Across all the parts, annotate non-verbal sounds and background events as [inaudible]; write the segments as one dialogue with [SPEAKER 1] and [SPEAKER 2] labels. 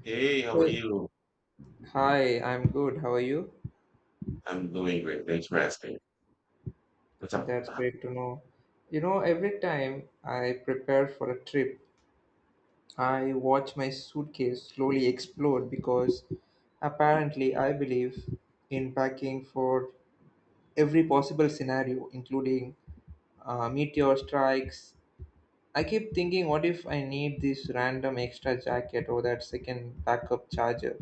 [SPEAKER 1] Hey, how are
[SPEAKER 2] Hey.
[SPEAKER 1] you?
[SPEAKER 2] Hi, I'm good. How are you?
[SPEAKER 1] I'm doing great. Thanks for asking. What's up?
[SPEAKER 2] That's great to know. You know, every time I prepare for a trip, I watch my suitcase slowly explode because apparently I believe in packing for every possible scenario, including meteor strikes. I keep thinking, what if I need this random extra jacket or that second backup charger,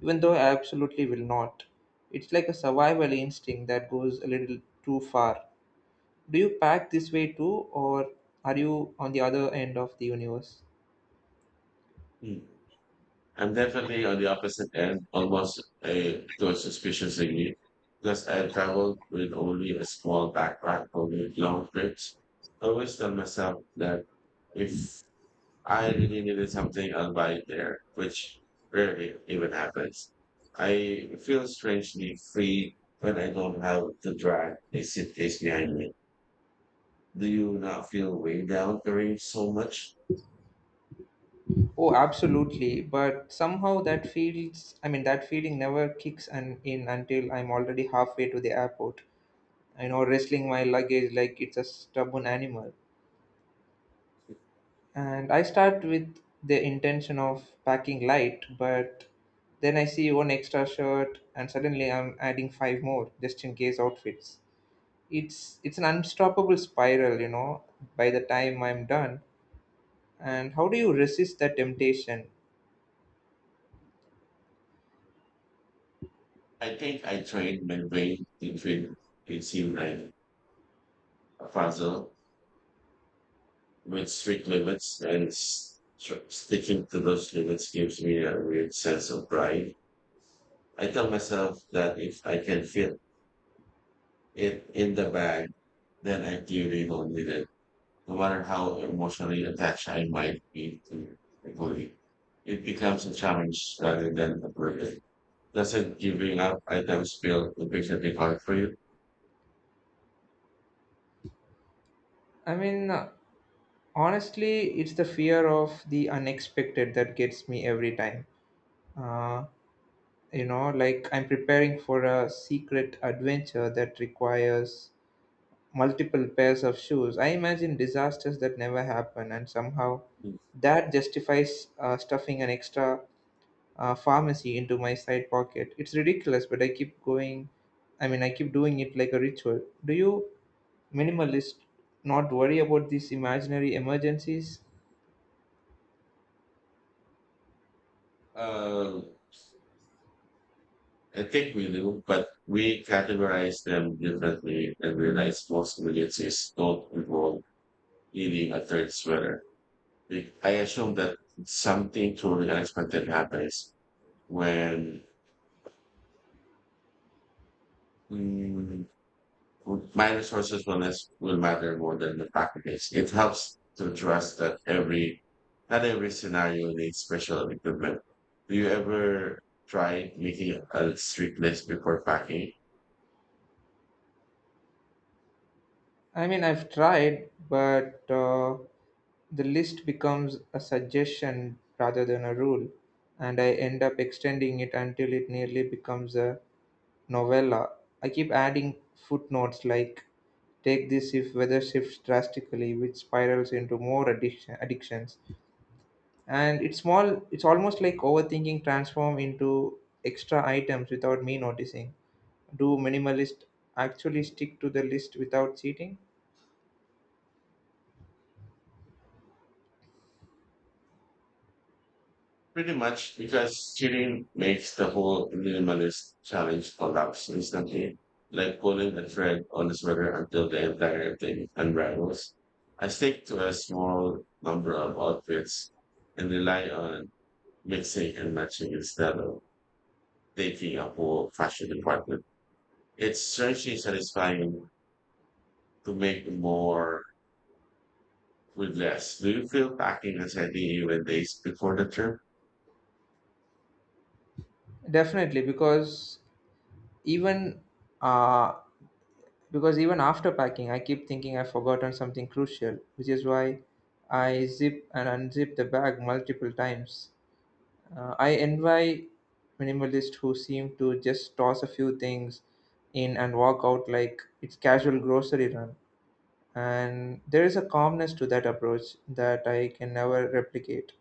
[SPEAKER 2] even though I absolutely will not. It's like a survival instinct that goes a little too far. Do you pack this way too, or are you on the other end of the universe?
[SPEAKER 1] Mm. I'm definitely on the opposite end, almost a to suspiciously me, because I traveled with only a small backpack for the long trips. I always tell myself that if I really needed something, I'll buy it there, which rarely even happens. I feel strangely free when I don't have to drag a suitcase behind me. Do you not feel weighed down during so much?
[SPEAKER 2] Oh, absolutely. But somehow that feels, I mean, that feeling never kicks in until I'm already halfway to the airport. I know, wrestling my luggage like it's a stubborn animal. And I start with the intention of packing light, but then I see one extra shirt and suddenly I'm adding five more just in case outfits. It's an unstoppable spiral, by the time I'm done. And how do you resist that temptation?
[SPEAKER 1] I think I trained my brain to figure it seemed like a puzzle with strict limits, and sticking to those limits gives me a weird sense of pride. I tell myself that if I can fit it in the bag, then I clearly don't need it. No matter how emotionally attached I might be to the goalie, it becomes a challenge rather than a burden. Doesn't giving up items feel increasingly hard for you?
[SPEAKER 2] I mean, honestly it's the fear of the unexpected that gets me every time. uh, like I'm preparing for a secret adventure that requires multiple pairs of shoes. I imagine disasters that never happen, and somehow that justifies stuffing an extra pharmacy into my side pocket. It's ridiculous, but I keep going. I mean, I keep doing it like a ritual. Do you minimalist not worry about these imaginary emergencies?
[SPEAKER 1] Uh, I think we do, but we categorize them differently and realize most emergencies don't involve needing a third sweater. Like, I assume that something truly unexpected happens when my resources will less will matter more than the packages. It helps to trust that every not every scenario needs special equipment. Do you ever try making a strict list before packing?
[SPEAKER 2] I mean, I've tried, but the list becomes a suggestion rather than a rule, and I end up extending it until it nearly becomes a novella. I keep adding footnotes like take this if weather shifts drastically, which spirals into more addictions. And it's small. It's almost like overthinking transform into extra items without me noticing. Do minimalist actually stick to the list without cheating?
[SPEAKER 1] Pretty much because cheating makes the whole minimalist challenge collapse instantly, like pulling a thread on a sweater until the entire thing unravels. I stick to a small number of outfits and rely on mixing and matching instead of baking a whole fashion department. It's strangely satisfying to make more with less. Do you feel packing as heavy even days before the trip?
[SPEAKER 2] Definitely, even uh, because even after packing, I keep thinking I've forgotten something crucial, which is why I zip and unzip the bag multiple times. I envy minimalists who seem to just toss a few things in and walk out like it's casual grocery run. And there is a calmness to that approach that I can never replicate.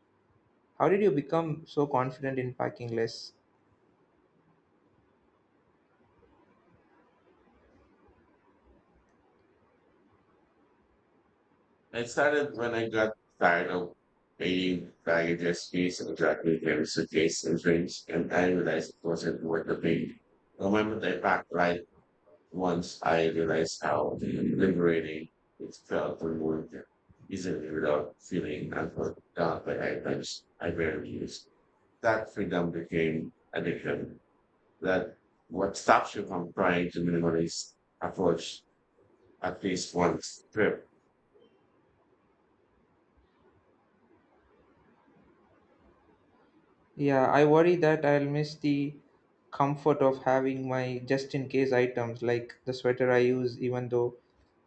[SPEAKER 2] How did you become so confident in packing less?
[SPEAKER 1] I started when I got tired of paying baggages fees and juggling every suitcase and drinks, and I realized it wasn't worth the pain. The moment I packed lighter once I realized how liberating it felt to move work easily without feeling unfulfilled by items I barely used. That freedom became addiction. That what stops you from trying to minimalist approach at least one trip.
[SPEAKER 2] Yeah, I worry that I'll miss the comfort of having my just in case items like the sweater I use, even though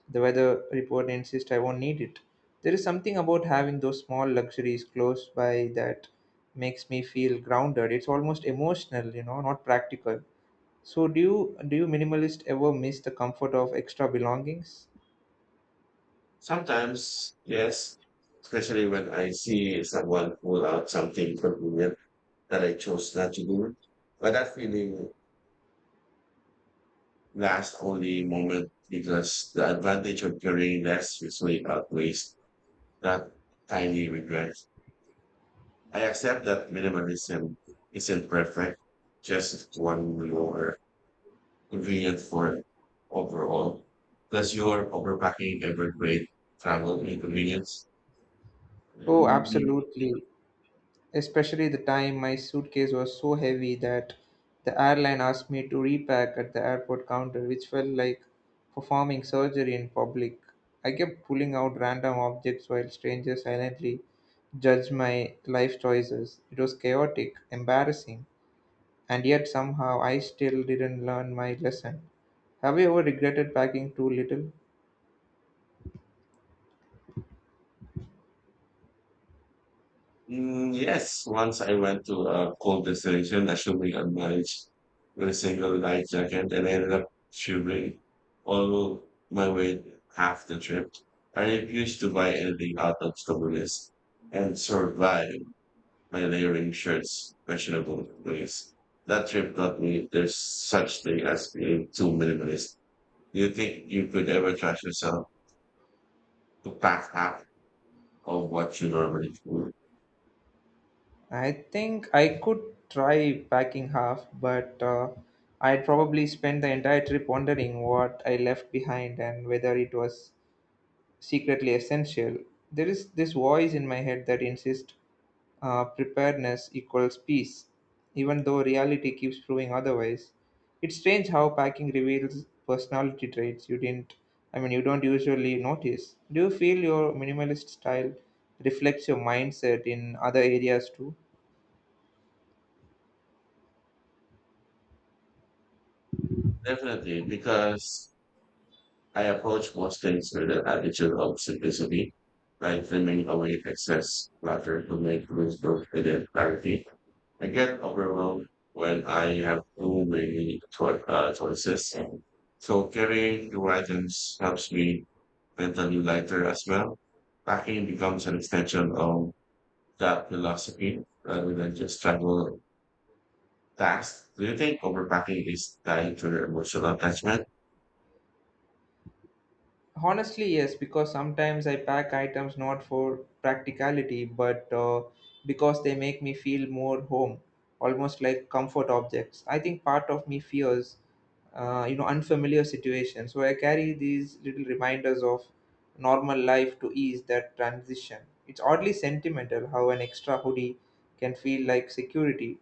[SPEAKER 2] the weather report insists I won't need it. There is something about having those small luxuries close by that makes me feel grounded. It's almost emotional, not practical. So do you minimalist ever miss the comfort of extra belongings?
[SPEAKER 1] Sometimes, yes, especially when I see someone pull out something convenient that I chose not to do. But that feeling last only moment because the advantage of carrying less usually outweighs that tiny regret. I accept that minimalism isn't perfect, just one more convenient for overall. Does your overpacking ever create travel inconvenience?
[SPEAKER 2] Oh, absolutely. Especially the time my suitcase was so heavy that the airline asked me to repack at the airport counter, which felt like performing surgery in public. I kept pulling out random objects while strangers silently judge my life choices. It was chaotic, embarrassing, and yet somehow I still didn't learn my lesson. Have you ever regretted packing too little?
[SPEAKER 1] Mm, yes, once I went to a cold destination, assuming a night with a single light jacket, and I ended up shivering all my way half the trip. I refused to buy anything out of stubbornness and survived by layering shirts, questionable ways. That trip taught me there's such thing as being too minimalist. Do you think you could ever trust yourself to pack half of what you normally do?
[SPEAKER 2] I think I could try packing half, but I'd probably spend the entire trip wondering what I left behind and whether it was secretly essential. There is this voice in my head that insists preparedness equals peace, even though reality keeps proving otherwise. It's strange how packing reveals personality traits you didn't, I mean, you don't usually notice. Do you feel your minimalist style reflects your mindset in other areas too?
[SPEAKER 1] Definitely, because I approach most things with an attitude of simplicity, lightening away excess clutter to make room for hidden clarity. I get overwhelmed when I have too many choices. So carrying two items helps me mentally lighter as well. Packing becomes an extension of that philosophy rather than just travel tasks. Do you think overpacking is tied to your emotional attachment?
[SPEAKER 2] Honestly, yes, because sometimes I pack items not for practicality, but because they make me feel more home, almost like comfort objects. I think part of me fears, unfamiliar situations. So I carry these little reminders of normal life to ease that transition. It's oddly sentimental how an extra hoodie can feel like security.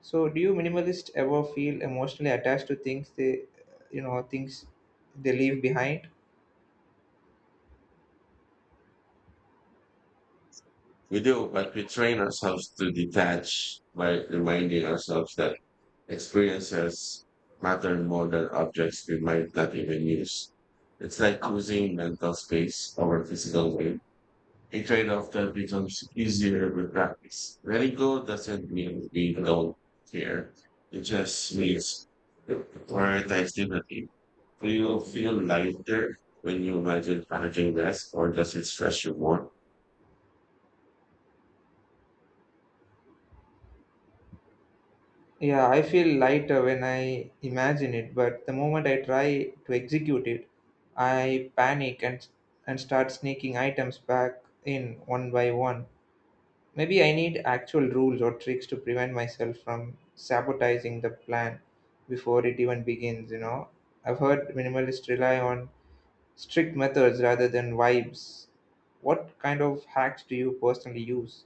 [SPEAKER 2] So, do you minimalists ever feel emotionally attached to things you know, things they leave behind?
[SPEAKER 1] We do, but we train ourselves to detach by reminding ourselves that experiences matter more than objects we might not even use. It's like choosing mental space over physical weight, a trade-off that becomes easier with practice. Letting go doesn't mean we don't care. It just means to prioritize differently. Do you feel lighter when you imagine packaging less, or does it stress you more?
[SPEAKER 2] Yeah, I feel lighter when I imagine it, but the moment I try to execute it, I panic and start sneaking items back in one by one. Maybe I need actual rules or tricks to prevent myself from sabotaging the plan before it even begins. I've heard minimalists rely on strict methods rather than vibes. What kind of hacks do you personally use?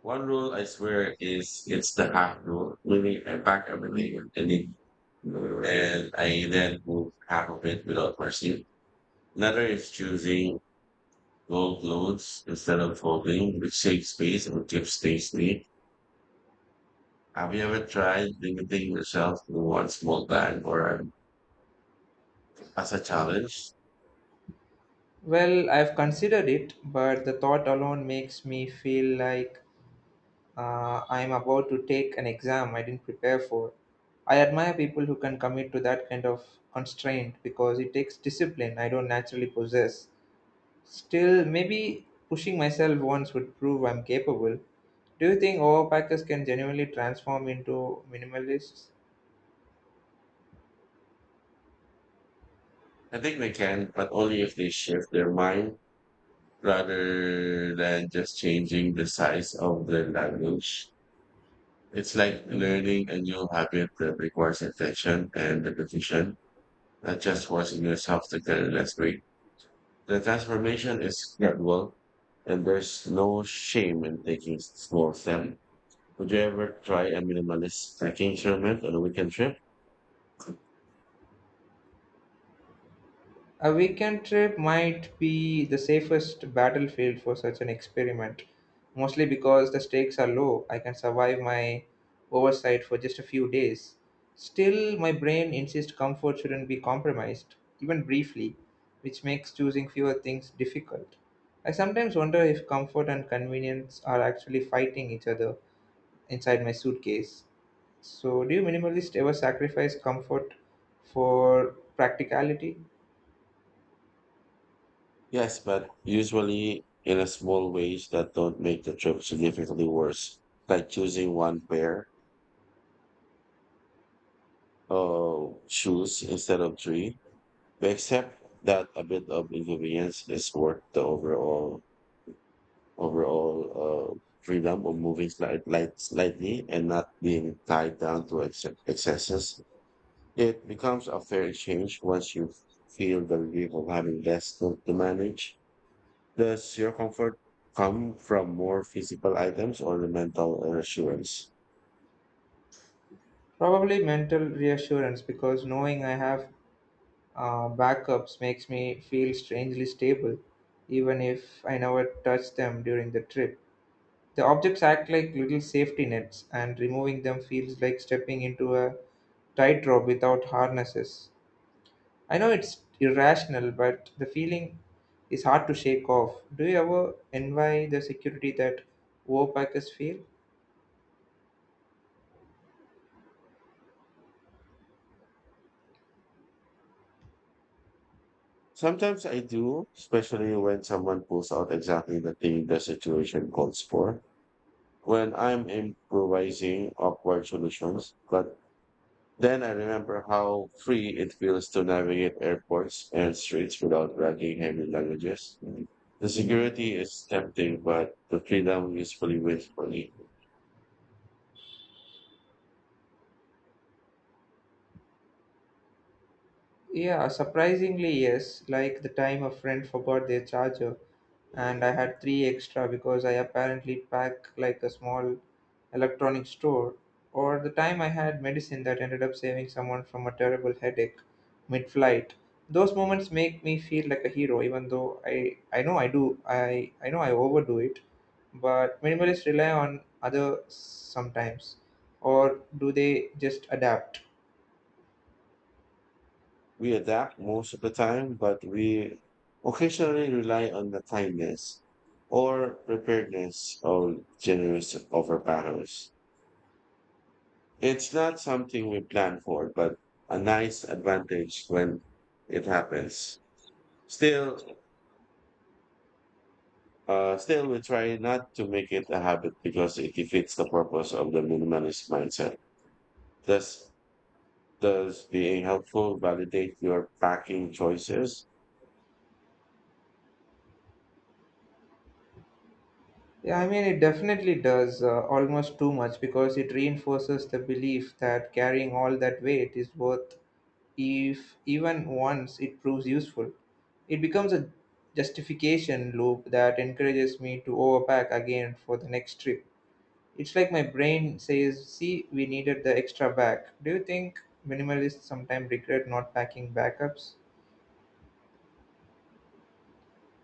[SPEAKER 1] One rule I swear is it's the half rule, meaning I pack everything with any and I then move half of it without mercy. Another is choosing gold clothes instead of folding, which saves space and keeps things neat. Have you ever tried limiting yourself to one small bag or as a challenge?
[SPEAKER 2] Well, I've considered it, but the thought alone makes me feel like I am about to take an exam I didn't prepare for. I admire people who can commit to that kind of constraint because it takes discipline I don't naturally possess. Still, maybe pushing myself once would prove I'm capable. Do you think overpackers can genuinely transform into minimalists?
[SPEAKER 1] I think they can, but only if they shift their mind rather than just changing the size of their luggage. It's like learning a new habit that requires attention and repetition, not just forcing yourself to get less last. The transformation is gradual, and there's no shame in taking small steps. Would you ever try a minimalist trekking experiment on a weekend trip?
[SPEAKER 2] A weekend trip might be the safest battlefield for such an experiment, mostly because the stakes are low. I can survive my oversight for just a few days. Still, my brain insists comfort shouldn't be compromised, even briefly, which makes choosing fewer things difficult. I sometimes wonder if comfort and convenience are actually fighting each other inside my suitcase. So, do you minimalists ever sacrifice comfort for practicality?
[SPEAKER 1] Yes, but usually in a small ways that don't make the trip significantly worse, like choosing one pair of shoes instead of three. We accept that a bit of inconvenience is worth the overall freedom of moving slightly and not being tied down to excesses. It becomes a fair exchange once you feel the relief of having less to manage. Does your comfort come from more physical items or the mental reassurance?
[SPEAKER 2] Probably mental reassurance because knowing I have backups makes me feel strangely stable, even if I never touch them during the trip. The objects act like little safety nets, and removing them feels like stepping into a tightrope without harnesses. I know it's irrational, but the feeling is hard to shake off. Do you ever envy the security that Wopackers feel?
[SPEAKER 1] Sometimes I do, especially when someone pulls out exactly the thing the situation calls for when I'm improvising awkward solutions, but then I remember how free it feels to navigate airports and streets without dragging heavy luggages. The security is tempting, but the freedom usually waits for me.
[SPEAKER 2] Yeah, surprisingly, yes. Like the time a friend forgot their charger and I had three extra because I apparently pack like a small electronic store. Or the time I had medicine that ended up saving someone from a terrible headache mid flight. Those moments make me feel like a hero, even though I know I do. I know I overdo it. But minimalists rely on others sometimes. Or do they just adapt?
[SPEAKER 1] We adapt most of the time, but we occasionally rely on the kindness or preparedness of generous overpowers. It's not something we plan for, but a nice advantage when it happens. Still, still, we try not to make it a habit because it defeats the purpose of the minimalist mindset. Does does being helpful validate your packing choices?
[SPEAKER 2] Yeah, I mean, it definitely does almost too much because it reinforces the belief that carrying all that weight is worth if even once it proves useful. It becomes a justification loop that encourages me to overpack again for the next trip. It's like my brain says, see, we needed the extra bag. Do you think minimalists sometimes regret not packing backups?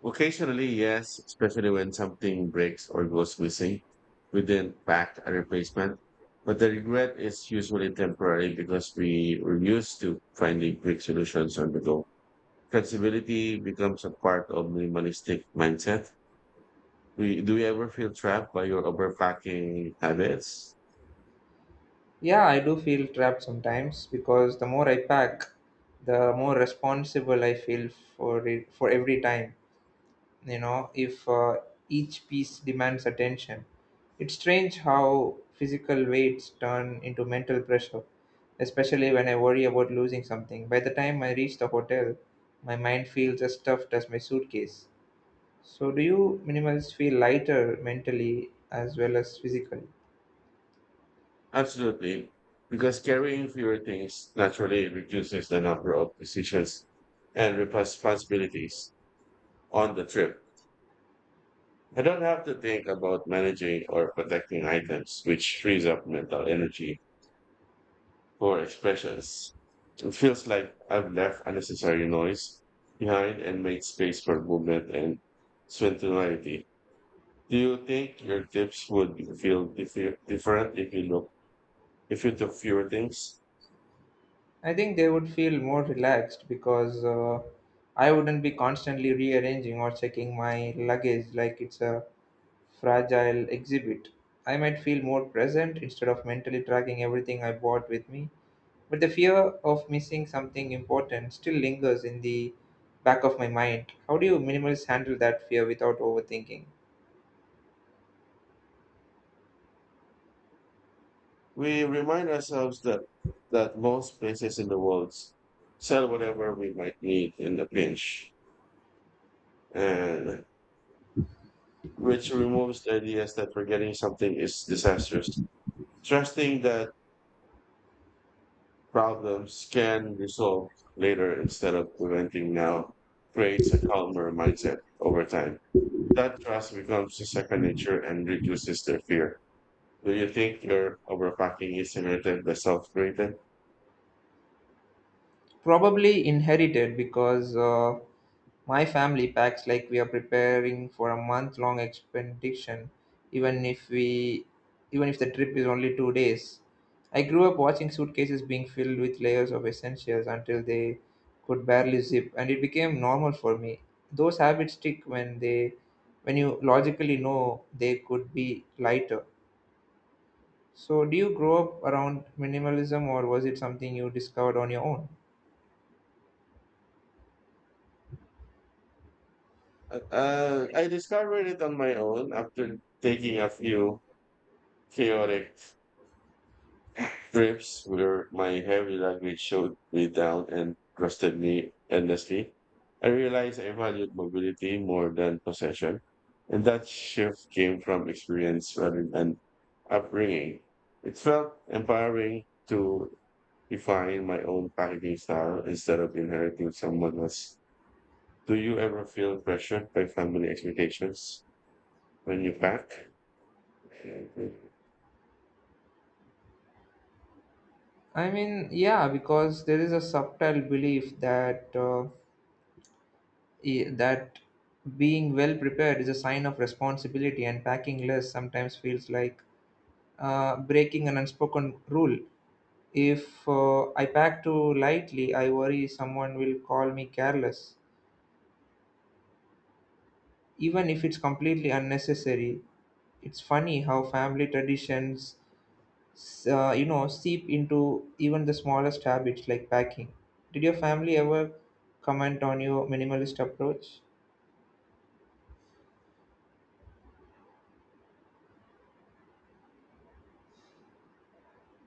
[SPEAKER 1] Occasionally, yes, especially when something breaks or goes missing. We didn't pack a replacement, but the regret is usually temporary because we were used to finding quick solutions on the go. Flexibility becomes a part of minimalistic mindset. Do you ever feel trapped by your overpacking habits?
[SPEAKER 2] Yeah, I do feel trapped sometimes because the more I pack, the more responsible I feel for it for every time. If each piece demands attention, it's strange how physical weights turn into mental pressure, especially when I worry about losing something. By the time I reach the hotel, my mind feels as stuffed as my suitcase. So do you minimalists feel lighter mentally as well as physically?
[SPEAKER 1] Absolutely. Because carrying fewer things naturally reduces the number of decisions and responsibilities on the trip. I don't have to think about managing or protecting items, which frees up mental energy for expressions. It feels like I've left unnecessary noise behind and made space for movement and spontaneity. Do you think your tips would feel different if you look if you took fewer things?
[SPEAKER 2] I think they would feel more relaxed because I wouldn't be constantly rearranging or checking my luggage like it's a fragile exhibit. I might feel more present instead of mentally tracking everything I bought with me, but the fear of missing something important still lingers in the back of my mind. How do you minimalists handle that fear without overthinking?
[SPEAKER 1] We remind ourselves that most places in the world sell whatever we might need in the pinch, and which removes the ideas that forgetting something is disastrous. Trusting that problems can be solved later instead of preventing now creates a calmer mindset over time. That trust becomes a second nature and reduces their fear. Do you think your overpacking is inherited by self-created?
[SPEAKER 2] Probably inherited because my family packs like we are preparing for a month long expedition even if we even if the trip is only 2 days. I grew up watching suitcases being filled with layers of essentials until they could barely zip and it became normal for me. Those habits stick when they when you logically know they could be lighter. So do you grow up around minimalism or was it something you discovered on your own?
[SPEAKER 1] I discovered it on my own after taking a few chaotic trips where my heavy luggage showed me down and trusted me endlessly. I realized I valued mobility more than possession, and that shift came from experience rather than upbringing. It felt empowering to define my own packaging style instead of inheriting someone else's. Do you ever feel pressured by family expectations when you pack?
[SPEAKER 2] I mean, yeah, because there is a subtle belief that being well prepared is a sign of responsibility, and packing less sometimes feels like breaking an unspoken rule. If I pack too lightly, I worry someone will call me careless, even if it's completely unnecessary. It's funny how family traditions seep into even the smallest habits like packing. Did your family ever comment on your minimalist approach?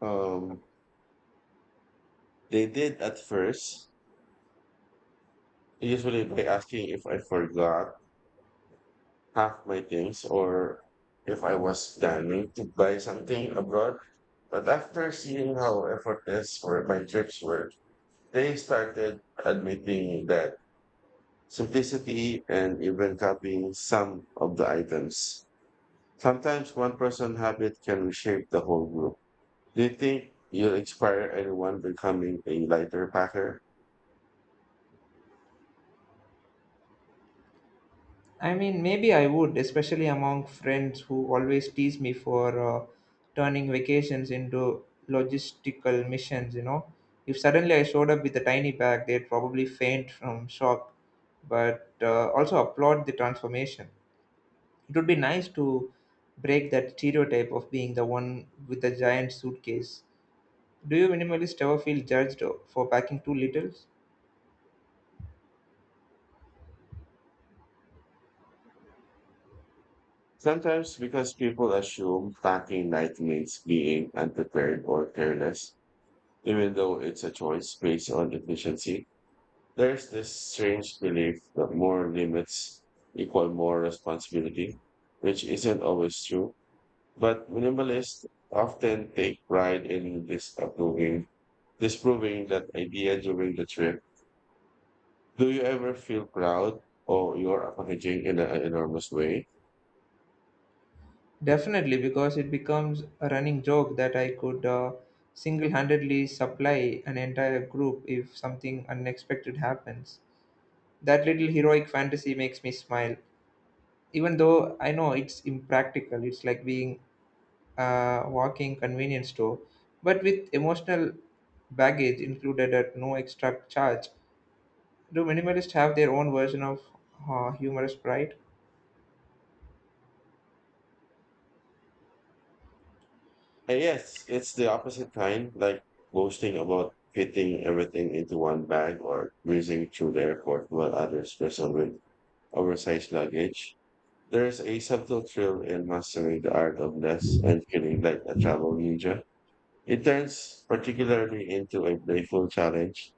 [SPEAKER 1] Um, they did at first, usually by asking if I forgot half my things or if I was planning to buy something abroad. But after seeing how effortless were my trips were, they started admitting that simplicity and even copying some of the items. Sometimes one person's habit can reshape the whole group. Do you think you inspire anyone becoming a lighter packer?
[SPEAKER 2] I mean, maybe I would, especially among friends who always tease me for turning vacations into logistical missions. If suddenly I showed up with a tiny bag, they'd probably faint from shock, but also applaud the transformation. It would be nice to break that stereotype of being the one with the giant suitcase. Do you minimalists ever feel judged for packing too little?
[SPEAKER 1] Sometimes because people assume packing light means being unprepared or careless, even though it's a choice based on efficiency. There's this strange belief that more limits equal more responsibility, which isn't always true. But minimalists often take pride in disproving that idea during the trip. Do you ever feel proud of your packaging in an enormous way?
[SPEAKER 2] Definitely, because it becomes a running joke that I could single handedly supply an entire group if something unexpected happens. That little heroic fantasy makes me smile, even though I know it's impractical. It's like being a walking convenience store, but with emotional baggage included at no extra charge. Do minimalists have their own version of humorous pride?
[SPEAKER 1] And yes, it's the opposite kind, like boasting about fitting everything into one bag or breezing through the airport while others wrestle with oversized luggage. There's a subtle thrill in mastering the art of less and feeling like a travel ninja. It turns particularly into a playful challenge.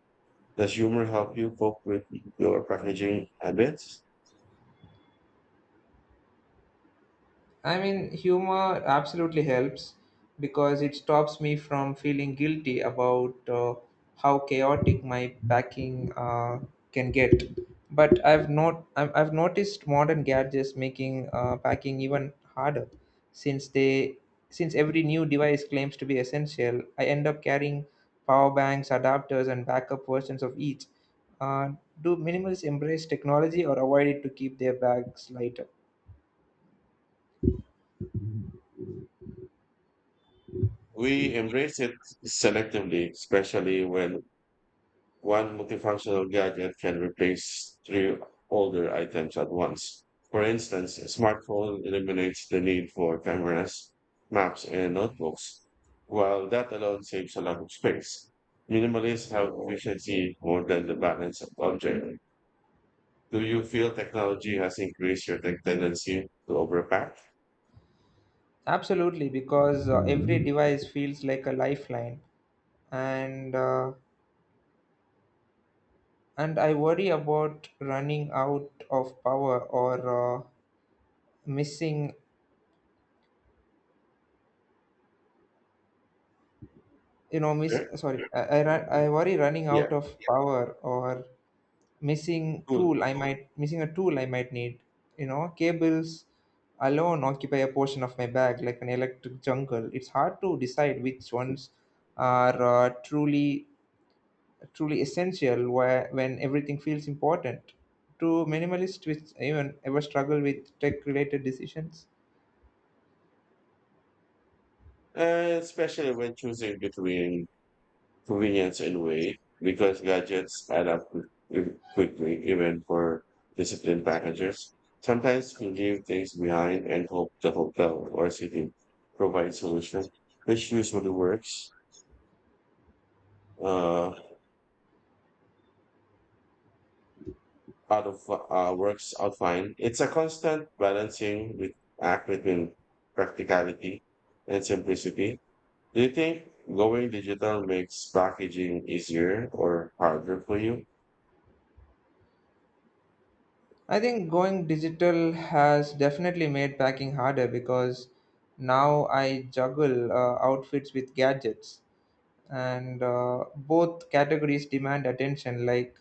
[SPEAKER 1] Does humor help you cope with your packaging habits?
[SPEAKER 2] I mean, humor absolutely helps because it stops me from feeling guilty about how chaotic my packing can get. But I've not I've I've noticed modern gadgets making packing even harder, since they since every new device claims to be essential. I end up carrying power banks, adapters, and backup versions of each. Uh, do minimalists embrace technology or avoid it to keep their bags lighter?
[SPEAKER 1] We embrace it selectively, especially when one multifunctional gadget can replace three older items at once. For instance, a smartphone eliminates the need for cameras, maps, and notebooks, while that alone saves a lot of space. Minimalists have efficiency more than the balance of object. Do you feel technology has increased your tech tendency to overpack?
[SPEAKER 2] Absolutely, because every device feels like a lifeline, and uh, and I worry about running out of power or uh, missing. Miss.
[SPEAKER 1] Sure.
[SPEAKER 2] Sorry, I worry running
[SPEAKER 1] Yeah,
[SPEAKER 2] out of power or missing
[SPEAKER 1] cool.
[SPEAKER 2] tool. I might missing a tool. I might need. Cables alone occupy a portion of my bag like an electric jungle. It's hard to decide which ones are uh, truly truly essential when everything feels important. To minimalists which even ever struggle with tech related decisions.
[SPEAKER 1] Especially when choosing between convenience in way because gadgets add up quickly, even for disciplined packagers. Sometimes we leave things behind and hope the hotel or city provides solution, which usually works. Uh, out of Works out fine. It's a constant balancing with act between practicality and simplicity. Do you think going digital makes packaging easier or harder for you?
[SPEAKER 2] I think going digital has definitely made packing harder because now I juggle outfits with gadgets, and both categories demand attention like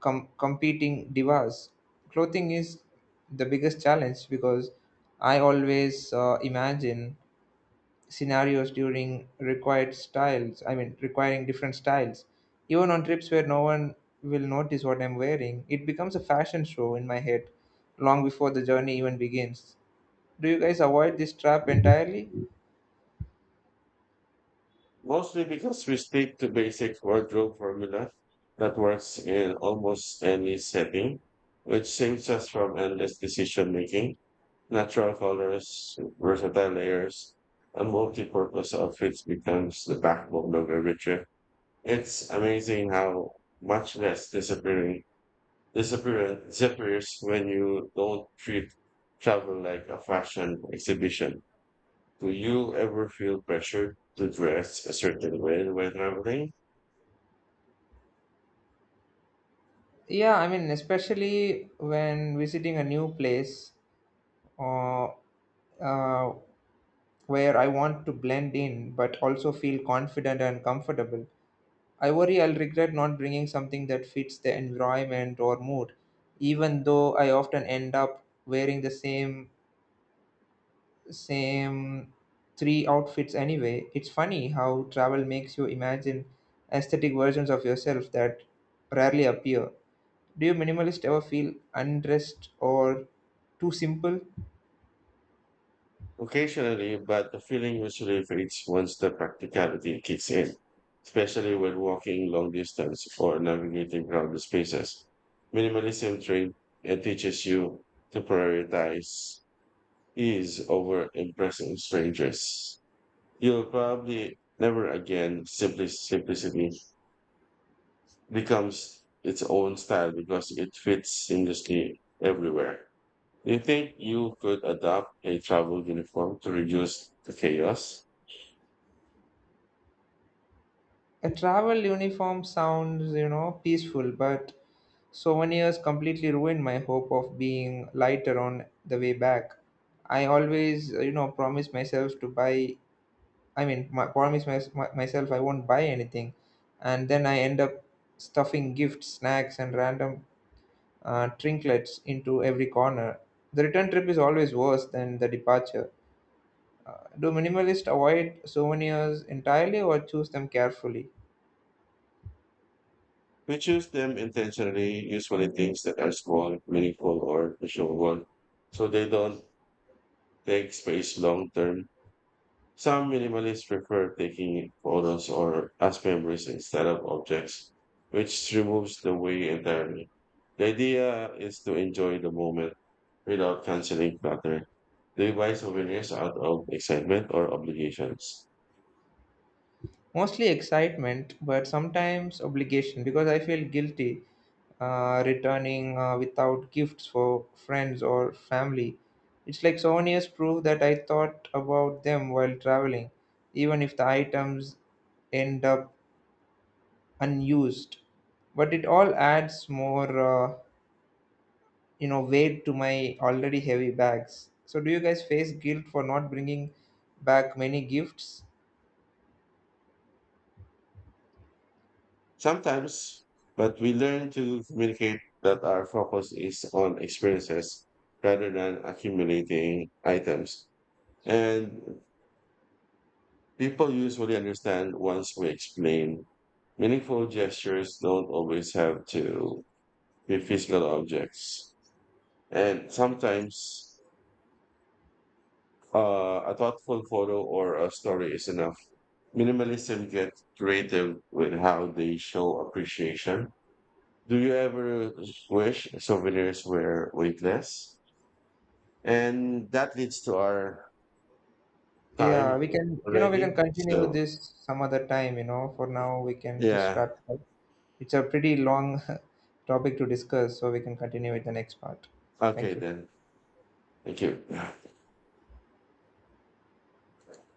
[SPEAKER 2] competing divas. Clothing is the biggest challenge because I always imagine scenarios during required styles, I mean, requiring different styles, even on trips where no one will notice what I'm wearing. It becomes a fashion show in my head long before the journey even begins. Do you guys avoid this trap entirely?
[SPEAKER 1] Mostly because we stick to basic wardrobe formula that works in almost any setting, which saves us from endless decision making. Natural colors, versatile layers, and multi-purpose outfits becomes the backbone of every trip. It's amazing how much less disappearing disappear disappears when you don't treat travel like a fashion exhibition. Do you ever feel pressured to dress a certain way when traveling?
[SPEAKER 2] Yeah, I mean, especially when visiting a new place, uh, uh, where I want to blend in but also feel confident and comfortable. I worry I'll regret not bringing something that fits the environment or mood, even though I often end up wearing the same three outfits anyway. It's funny how travel makes you imagine aesthetic versions of yourself that rarely appear. Do you minimalists ever feel undressed or too simple?
[SPEAKER 1] Occasionally, but the feeling usually fades once the practicality kicks in, especially when walking long distance or navigating crowded spaces. Minimalism train and teaches you to prioritize ease over impressing strangers. You'll probably never again simply simplicity becomes its own style because it fits seamlessly everywhere. Do you think you could adopt a travel uniform to reduce the chaos?
[SPEAKER 2] A travel uniform sounds, peaceful, but souvenirs completely ruined my hope of being lighter on the way back. I always, promise myself to buy, I mean, promise myself I won't buy anything. And then I end up stuffing gifts, snacks, and random trinkets into every corner. The return trip is always worse than the departure. Do minimalists avoid souvenirs entirely or choose them carefully?
[SPEAKER 1] We choose them intentionally, usually things that are small, meaningful, or visual, so they don't take space long term. Some minimalists prefer taking photos or as memories instead of objects, which removes the weight entirely. The idea is to enjoy the moment without canceling clutter. They buy souvenirs out of excitement or obligations.
[SPEAKER 2] Mostly excitement, but sometimes obligation because I feel guilty returning without gifts for friends or family. It's like souvenirs prove that I thought about them while traveling, even if the items end up unused. But it all adds more, weight to my already heavy bags. So, do you guys face guilt for not bringing back many gifts?
[SPEAKER 1] Sometimes, but we learn to communicate that our focus is on experiences rather than accumulating items. And people usually understand once we explain meaningful gestures don't always have to be physical objects. And sometimes a thoughtful photo or a story is enough. Minimalism gets creative with how they show appreciation. Do you ever wish souvenirs were weightless? And that leads to our time
[SPEAKER 2] Yeah, we can, you know, we
[SPEAKER 1] already.
[SPEAKER 2] can continue
[SPEAKER 1] So,
[SPEAKER 2] this some other time. For now, we can just
[SPEAKER 1] yeah.
[SPEAKER 2] wrap it up. It's a pretty long [laughs] topic to discuss, so we can continue with the next part.
[SPEAKER 1] Okay,
[SPEAKER 2] Thank you.
[SPEAKER 1] then. Thank you.